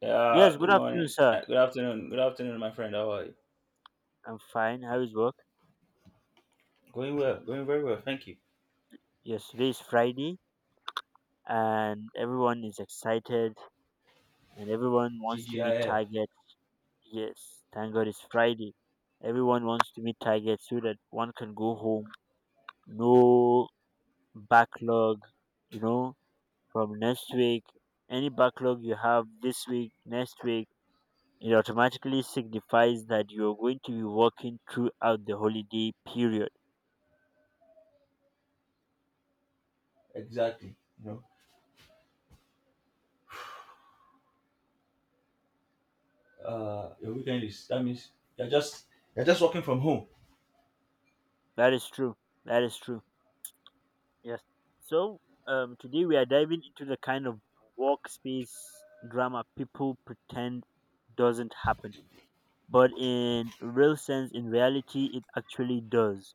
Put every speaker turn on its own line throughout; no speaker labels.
Yeah,
Yes, good
good
afternoon,
morning.
sir.
Good afternoon. Good afternoon, my friend. How are you?
I'm fine. How is work?
Going well. Going very well. Thank you.
Yes, today is Friday and everyone is excited and everyone wants to meet
CGIF.
target. Yes, thank God it's Friday. Everyone wants to meet target so that one can go home. No backlog, you know, from next week. Any backlog you have this week, next week, it automatically signifies that you're going to be working throughout the holiday period.
Exactly. You know, your weekend is that means you're just you're just working from home.
That is true. That is true. Yes. So, today we are diving into the kind of workspace drama people pretend doesn't happen, but in real sense, in reality, it actually does.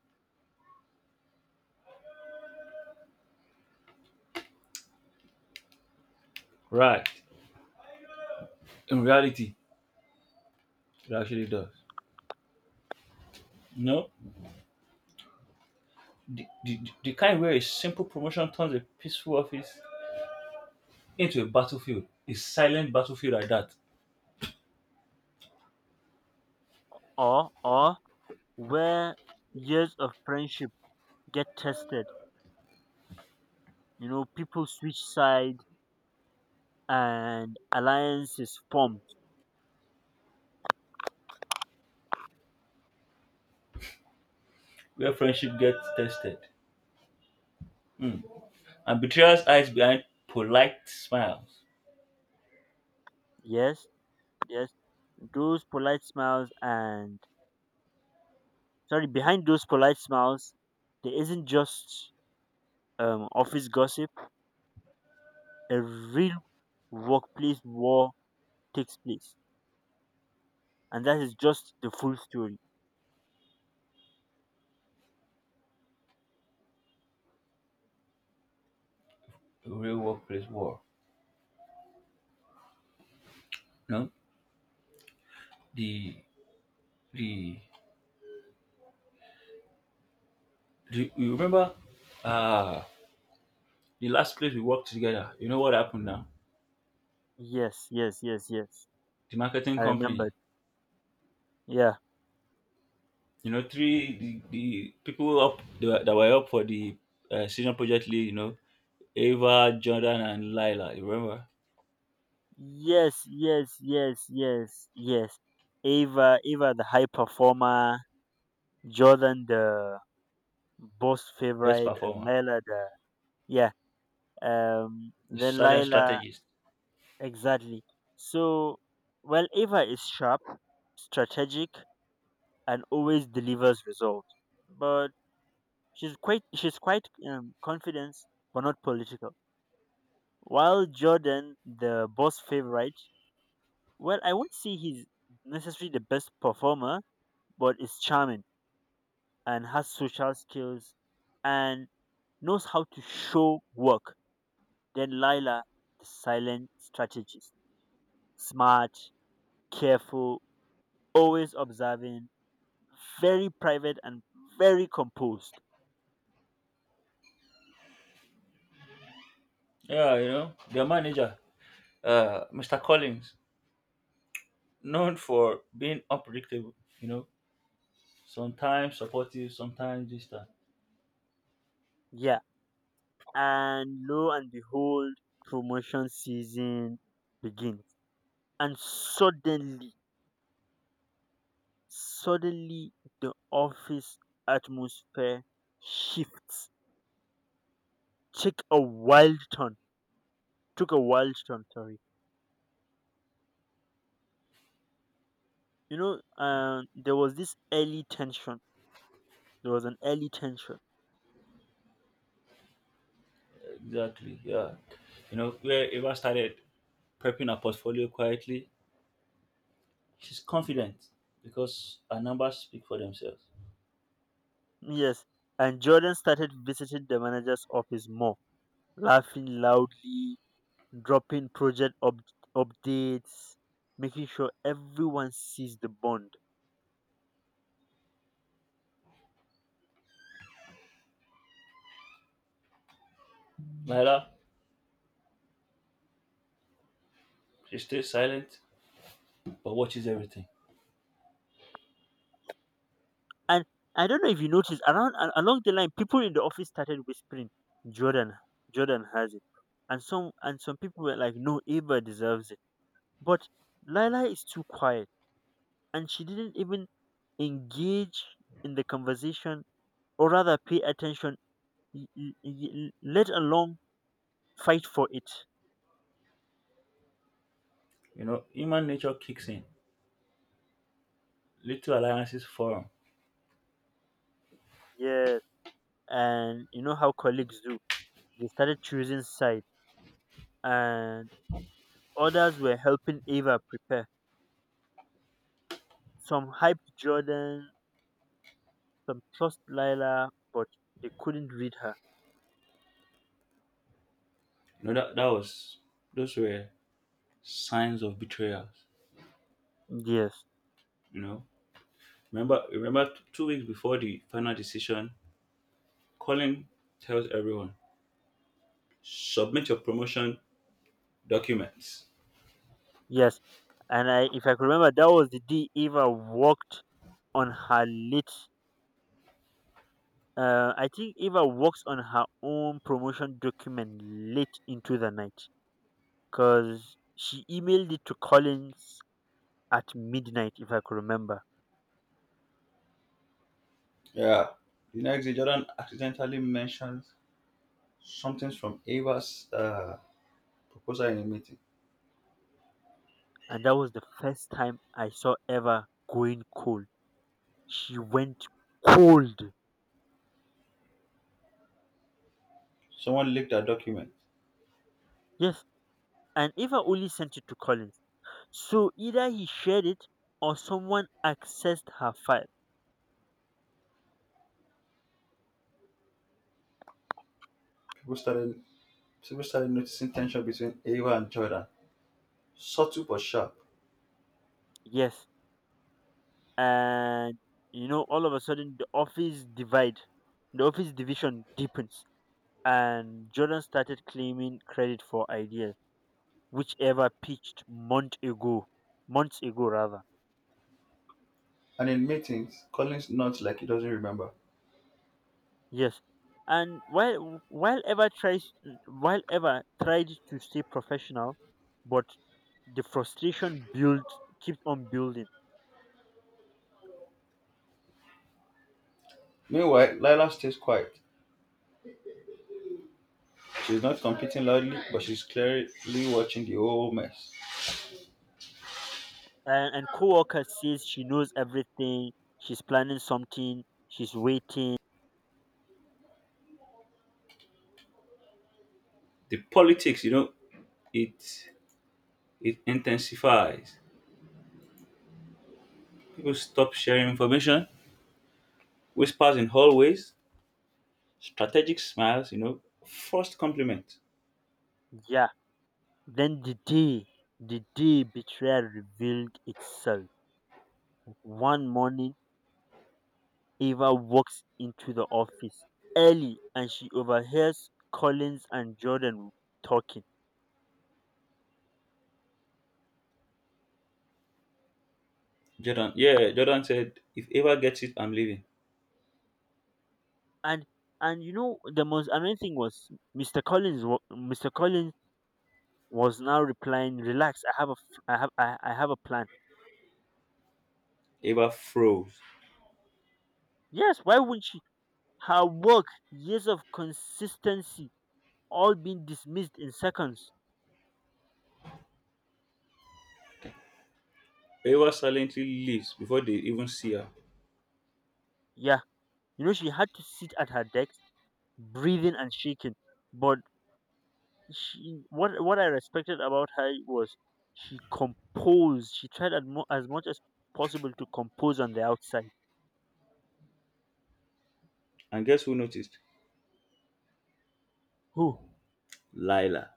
Right. In reality, it actually does. No, the kind where a simple promotion turns a peaceful office into a battlefield, a silent battlefield like that,
Or where years of friendship get tested. You know, people switch side and alliances formed.
where friendship gets tested. Mm. And betrayers hides behind polite smiles.
Yes, yes. Those polite smiles and sorry, behind those polite smiles, there isn't just office gossip, a real workplace war takes place. And that is just the full story.
A real workplace war. No, the The do you remember uh the last place we worked together? You know what happened now?
Yes, yes, yes, yes.
The marketing
I
company.
remembered. Yeah.
You know, three the people up that were up for the senior project lead. You know, Ava, Jordan, and Lila. You remember?
Yes, yes, yes, yes, yes. Ava the high performer, Jordan the boss
Best
favorite, and
performer,
Lila the yeah.
the
Then
silent
Lila
strategist.
exactly. So, well, Ava is sharp, strategic, and always delivers results. But She's quite confident but not political. While Jordan, the boss favorite, well, I won't say he's necessarily the best performer, but is charming and has social skills and knows how to show work. Then Lila, the silent strategist, smart, careful, always observing, very private and very composed.
Yeah, you know their manager, Mr. Collins, known for being unpredictable. You know, sometimes supportive, sometimes distant.
Yeah, and lo and behold, promotion season begins. And suddenly, the office atmosphere shifts. Take a wild turn. Took a wild turn. Sorry. You know, there was this early tension. There was an early tension.
Exactly. Yeah. You know, where Eva started prepping her portfolio quietly, she's confident because her numbers speak for themselves.
Yes, and Jordan started visiting the manager's office more, laughing loudly, dropping updates, making sure everyone sees the bond.
Myla, she stays silent but watches everything.
And I don't know if you noticed around along the line, people in the office started whispering, "Jordan, Jordan has it," and some people were like, "No, Ava deserves it." But Lila is too quiet, and she didn't even engage in the conversation, or rather, pay attention, let alone fight for it.
You know, human nature kicks in. Little alliances form.
Yes, and you know how colleagues do. They started choosing side, and others were helping Ava prepare. Some hyped Jordan, some trust Lila, but they couldn't read her.
You know that was those were signs of betrayals.
Yes,
You know, remember 2 weeks before the final decision, Colin tells everyone submit your promotion documents.
yes. And I, if I could remember, that was the day Eva worked on her late. I think Eva works on her own promotion document late into the night because she emailed it to Collins at midnight, if I could remember.
Yeah. The next day, Jordan accidentally mentioned something from Ava's proposal in a meeting.
And that was the first time I saw Eva going cold. She went cold.
Someone leaked a document.
Yes. And Eva only sent it to Collins, so either he shared it or someone accessed her file.
People started people started noticing tension between Ava and Jordan. Subtle but sharp.
Yes. And you know, all of a sudden the office divide, the office division deepens. And Jordan started claiming credit for ideas, whichever pitched month ago, months ago rather.
And in meetings, Collins nods like he doesn't remember.
Yes. And while ever tried to stay professional, but the frustration built keeps on building.
Meanwhile, Lila stays quiet. She's not competing loudly, but she's clearly watching the whole mess.
And co-worker says she knows everything, she's planning something, she's waiting.
The politics, you know, it it intensifies. People stop sharing information, whispers in hallways, strategic smiles, you know. First compliment.
Yeah, then the day, the day betrayal revealed itself, one morning Ava walks into the office early and she overhears Collins and Jordan talking.
Jordan, yeah, Jordan said, if Eva gets it, I'm leaving.
and and you know, the most annoying thing was Mr. Collins was now replying, "Relax, I have a f- I have I have a plan."
Eva froze.
Yes, why wouldn't she? Her work, years of consistency, all being dismissed in seconds.
Eva silently leaves before they even see her.
Yeah, you know, she had to sit at her desk, breathing and shaking. But she, what I respected about her was she composed. She tried as much as possible to compose on the outside.
And guess who noticed?
Oh,
Lila.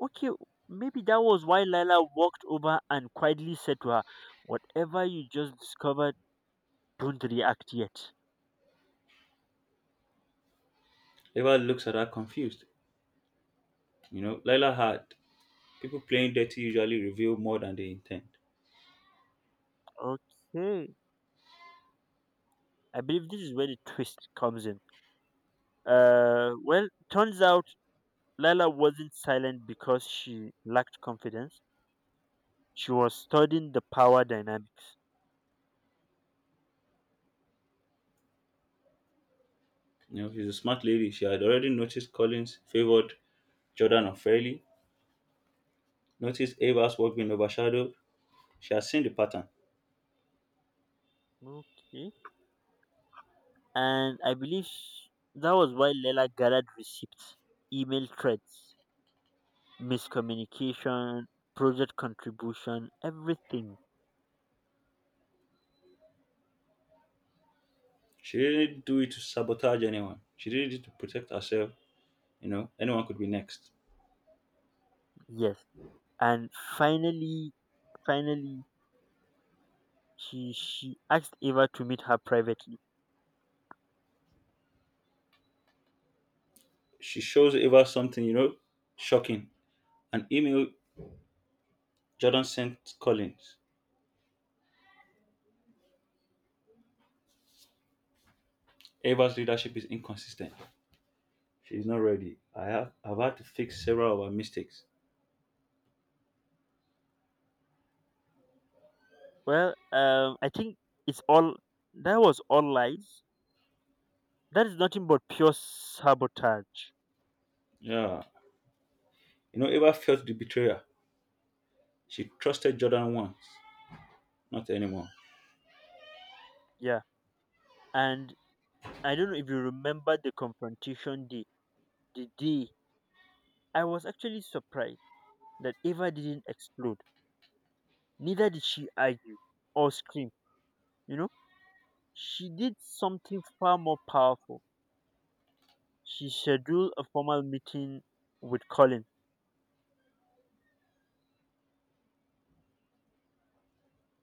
okay. Maybe that was why Lila walked over and quietly said to her, "Whatever you just discovered, don't react yet."
Eva looks at her confused. You know, Lila had people playing dirty usually reveal more than they intend.
Okay, I believe this is where the twist comes in. Well, turns out Lala wasn't silent because she lacked confidence. She was studying the power dynamic.
You know, she's a smart lady. She had already noticed Collins favored Jordan unfairly, noticed Eva's work being overshadowed. She had seen the pattern.
Okay. And I believe that was why Lala gathered receipts, email threads, miscommunication, project contribution, everything.
She didn't do it to sabotage anyone. She did it to protect herself. You know, anyone could be next.
Yes. And finally, finally, she asked Eva to meet her privately.
She shows Eva something, you know, shocking. An email Jordan sent Collins. Eva's leadership is inconsistent. She's not ready. I've had to fix several of her mistakes.
Well, I think it's all that was all lies. That is nothing but pure sabotage.
Yeah. You know, Eva felt the betrayer. She trusted Jordan once, not anymore.
Yeah. And I don't know if you remember the confrontation day. The day I was actually surprised that Eva didn't explode. Neither did she argue or scream. You know, she did something far more powerful. She scheduled a formal meeting with Colin.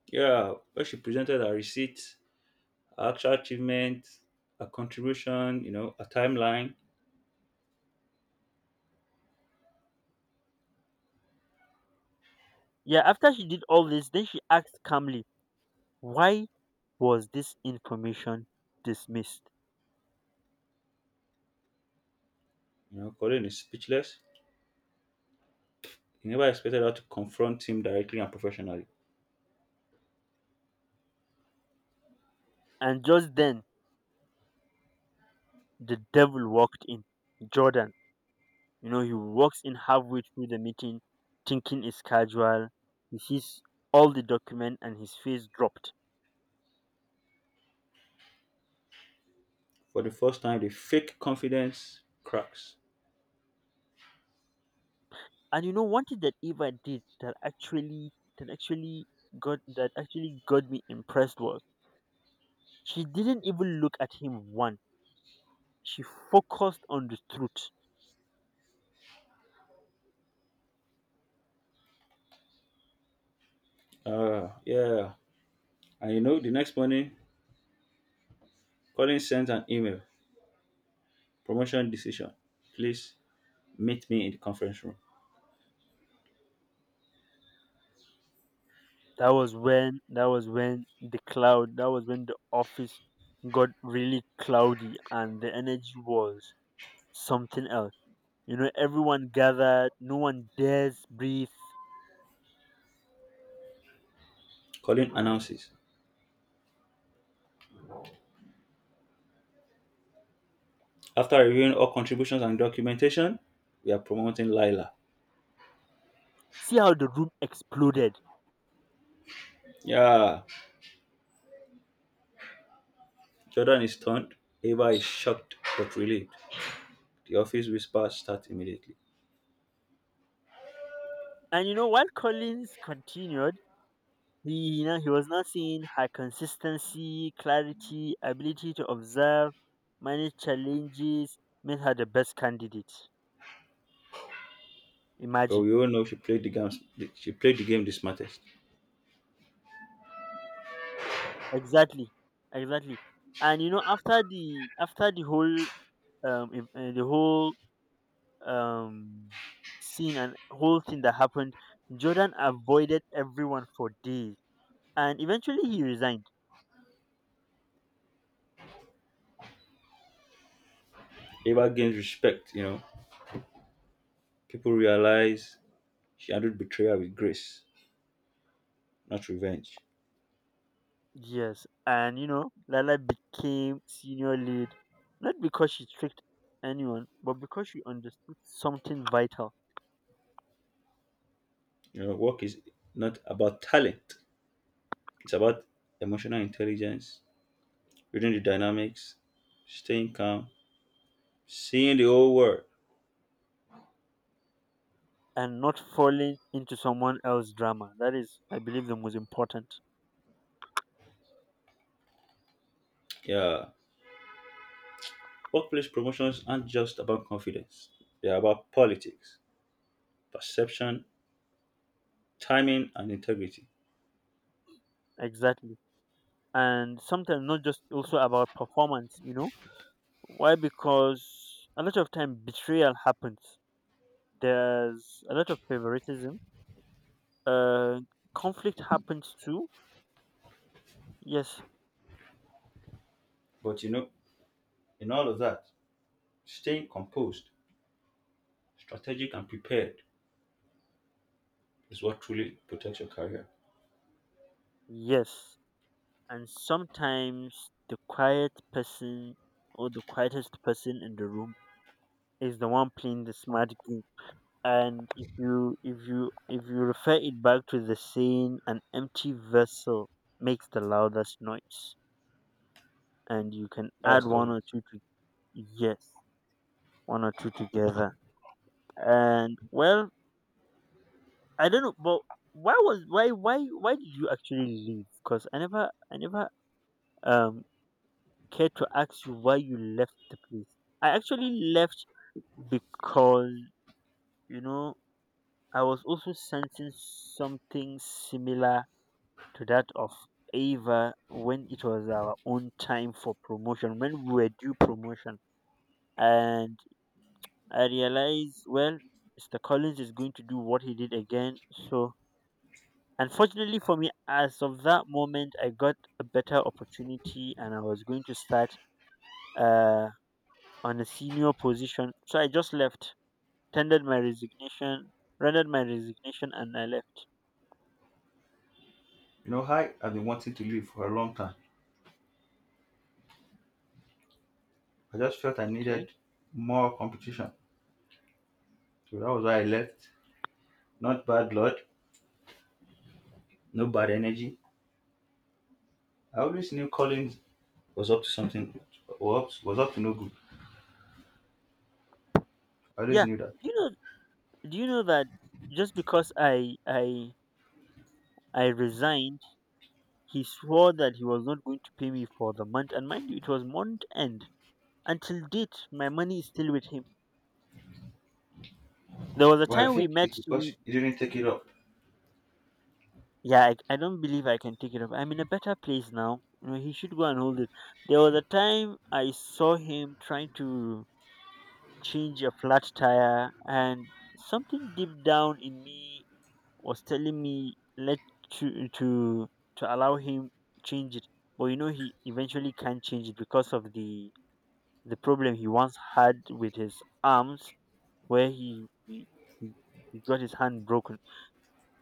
Yeah, when she presented her receipts, her actual achievement, her contribution, you know, a timeline,
Yeah, after she did all this, then she asked calmly, why was this information dismissed?
you know, Colin is speechless. He never expected her to confront him directly and professionally.
And just then, the devil walked in. Jordan. You know, he walks in halfway through the meeting thinking it's casual. He sees all the document and his face dropped.
For the first time, the fake confidence cracks.
And you know, one thing that Eva did that that actually actually got me impressed was she didn't even look at him once. She focused on the truth.
Yeah. And you know, the next morning, Colin sends an email promotion decision. Please meet me in the conference room.
That was when the cloud that was when the office got really cloudy and the energy was something else. You know, everyone gathered, no one dares breathe.
Colin announces. After reviewing all contributions and documentation, we are promoting Lila.
See how the room exploded.
Yeah. Jordan is stunned. Ava is shocked but relieved. The office whispers start immediately.
And you know, while Collins continued, he was now seeing her consistency, clarity, ability to observe, manage challenges, made her the best candidate.
But
Imagine.
we all know she played the game. She played the game the smartest.
Exactly. Exactly. And you know, after the whole the whole um scene and whole thing that happened, Jordan avoided everyone for days and eventually he resigned.
Ava gains respect. You know, people realize she handled betrayal with grace, not revenge.
Yes, and you know, Lala became senior lead not because she tricked anyone, but because she understood something vital
You know, work is not about talent, it's about emotional intelligence, reading the dynamics, staying calm, seeing the whole world.
and not falling into someone else's drama. That is, I believe, the most important.
Yeah. Workplace promotions aren't just about confidence, they're about politics, perception, timing, and integrity.
Exactly, and sometimes not just also about performance. You know why? Because a lot of time betrayal happens. There's a lot of favoritism. Uh, Conflict happens too. Yes,
But you know, in all of that, staying composed, strategic, and prepared is what truly protects your career.
yes, and sometimes the quiet person or the quietest person in the room is the one playing the smart game. And if you refer it back to the saying, an empty vessel makes the loudest noise, and you can
That was
add one or
Collins.
two to yes, one or two together. And well, I don't know, but why was why did you actually leave? Because I never um care to ask you why you left the place. I actually left because, you know, I was also sensing something similar to that of Ava when it was our own time for promotion, when we were due promotion. And I realized, well, Mr. Collins is going to do what he did again. So, unfortunately for me, as of that moment, I got a better opportunity and I was going to start. Uh, on a senior position. So I just left, tendered my resignation, rendered my resignation, and I left.
You know, hi, I've been wanting to leave for a long time. I just felt I
Okay.
needed more competition. So that was why I left. Not bad blood, no bad energy. I always knew Collins was up to something, was up to no good. I always
Yeah.
knew that.
Do you know? Do you know that just because I resigned, he swore that he was not going to pay me for the month? And mind you, it was month end. Until date, my money is still with him. There was a
But I
time we
think
met.
it's because
We
he didn't take it up.
yeah. I don't believe I can take it up. I'm in a better place now. You know, he should go and hold it. There was a time I saw him trying to change a flat tire, and something deep down in me was telling me let to to to allow him change it. But you know, he eventually can't change it because of the problem he once had with his arms, where he he got his hand broken.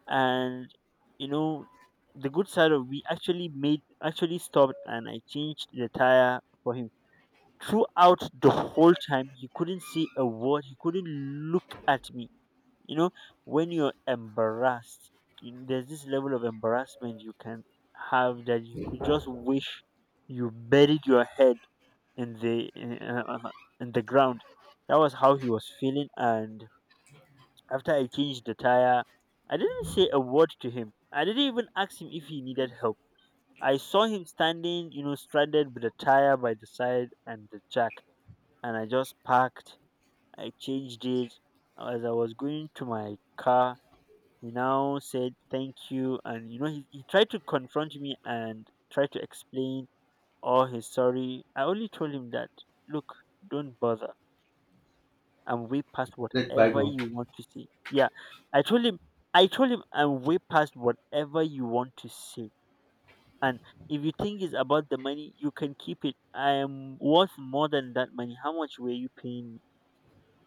And you know, the good side of we actually made actually stopped, and I changed the tire for him. Throughout the whole time he couldn't say a word, he couldn't look at me. You know, when you're embarrassed, you know, there's this level of embarrassment you can have that you could just wish you buried your head in in the ground. That was how he was feeling. And after I changed the tire, I didn't say a word to him, I didn't even ask him if he needed help. I saw him standing, you know, stranded with a tire by the side and the jack, and I just parked. I changed it. As I was going to my car, he now said thank you. And you know, he tried to confront me and try to explain, all his sorry. I only told him that, look, don't bother. I'm way past
Let
whatever
bygone.
you want to see. Yeah, I told him, I told him I'm way past whatever you want to see. And if you think it's about the money, you can keep it. I am worth more than that money. How much were you paying me?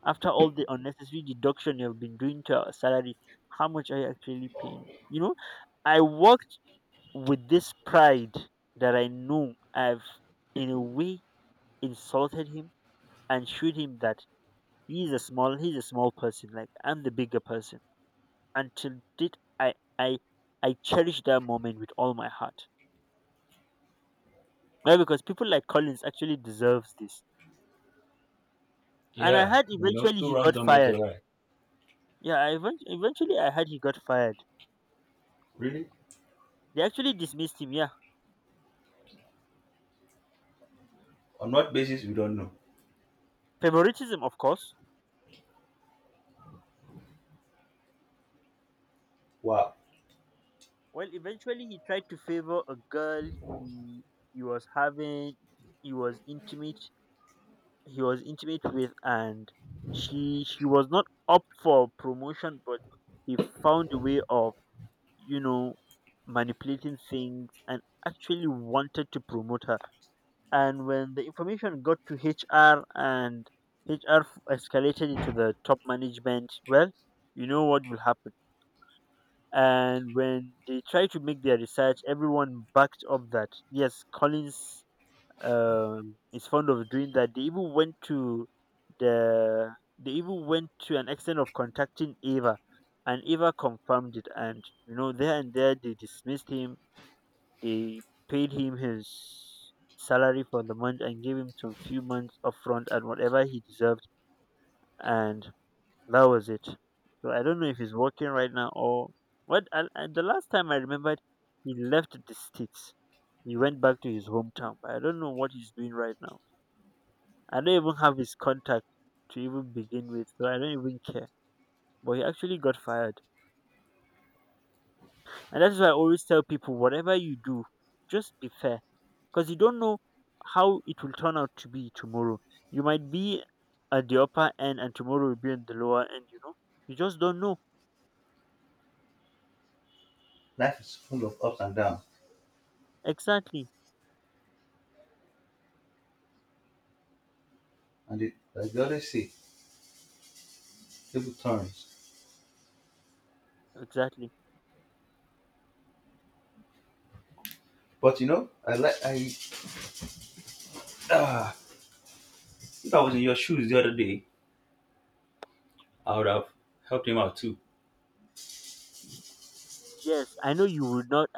After all the unnecessary deduction you've been doing to our salary, how much are you actually paying? You know, I worked with this pride that I know I've, in a way, insulted him and showed him that he's a small person. Like I'm the bigger person. Until did I, I cherish that moment with all my heart. Why? Because people like Collins actually deserves this. And I
Yeah,
had
you know,
eventually
two
he
wrongs
got
don't make
fired.
a right.
Yeah, I event- eventually I had he got fired.
Really?
They actually dismissed him. Yeah,
On what basis, we don't know.
Favoritism, of course.
Wow,
Well, eventually he tried to favor a girl he was having he was intimate he was intimate with. And she was not up for promotion, but he found a way of, you know, manipulating things and actually wanted to promote her. And when the information got to HR and HR escalated it to the top management, well, you know what will happen. And when they tried to make their research, everyone backed up that yes, Collins, is fond of doing that. The they even went to an extent of contacting Ava, and Ava confirmed it. And you know, there and there, they dismissed him. They paid him his salary for the month and gave him some few months upfront and whatever he deserved. And that was it. So I don't know if he's working right now or what. The last time I remembered, he left the states. He went back to his hometown, but I don't know what he's doing right now. I don't even have his contact to even begin with, so I don't even care. But he actually got fired, and that's why I always tell people: whatever you do, just be fair, because you don't know how it will turn out to be tomorrow. You might be at the upper end, and tomorrow will be in the lower end. You know, you just don't know
life is full of ups and downs.
exactly.
And it, like they always say, table turns.
Exactly.
But you know, I like, I, ah, if I was in your shoes the other day, I would have helped him out too.
Yes, I know you would not.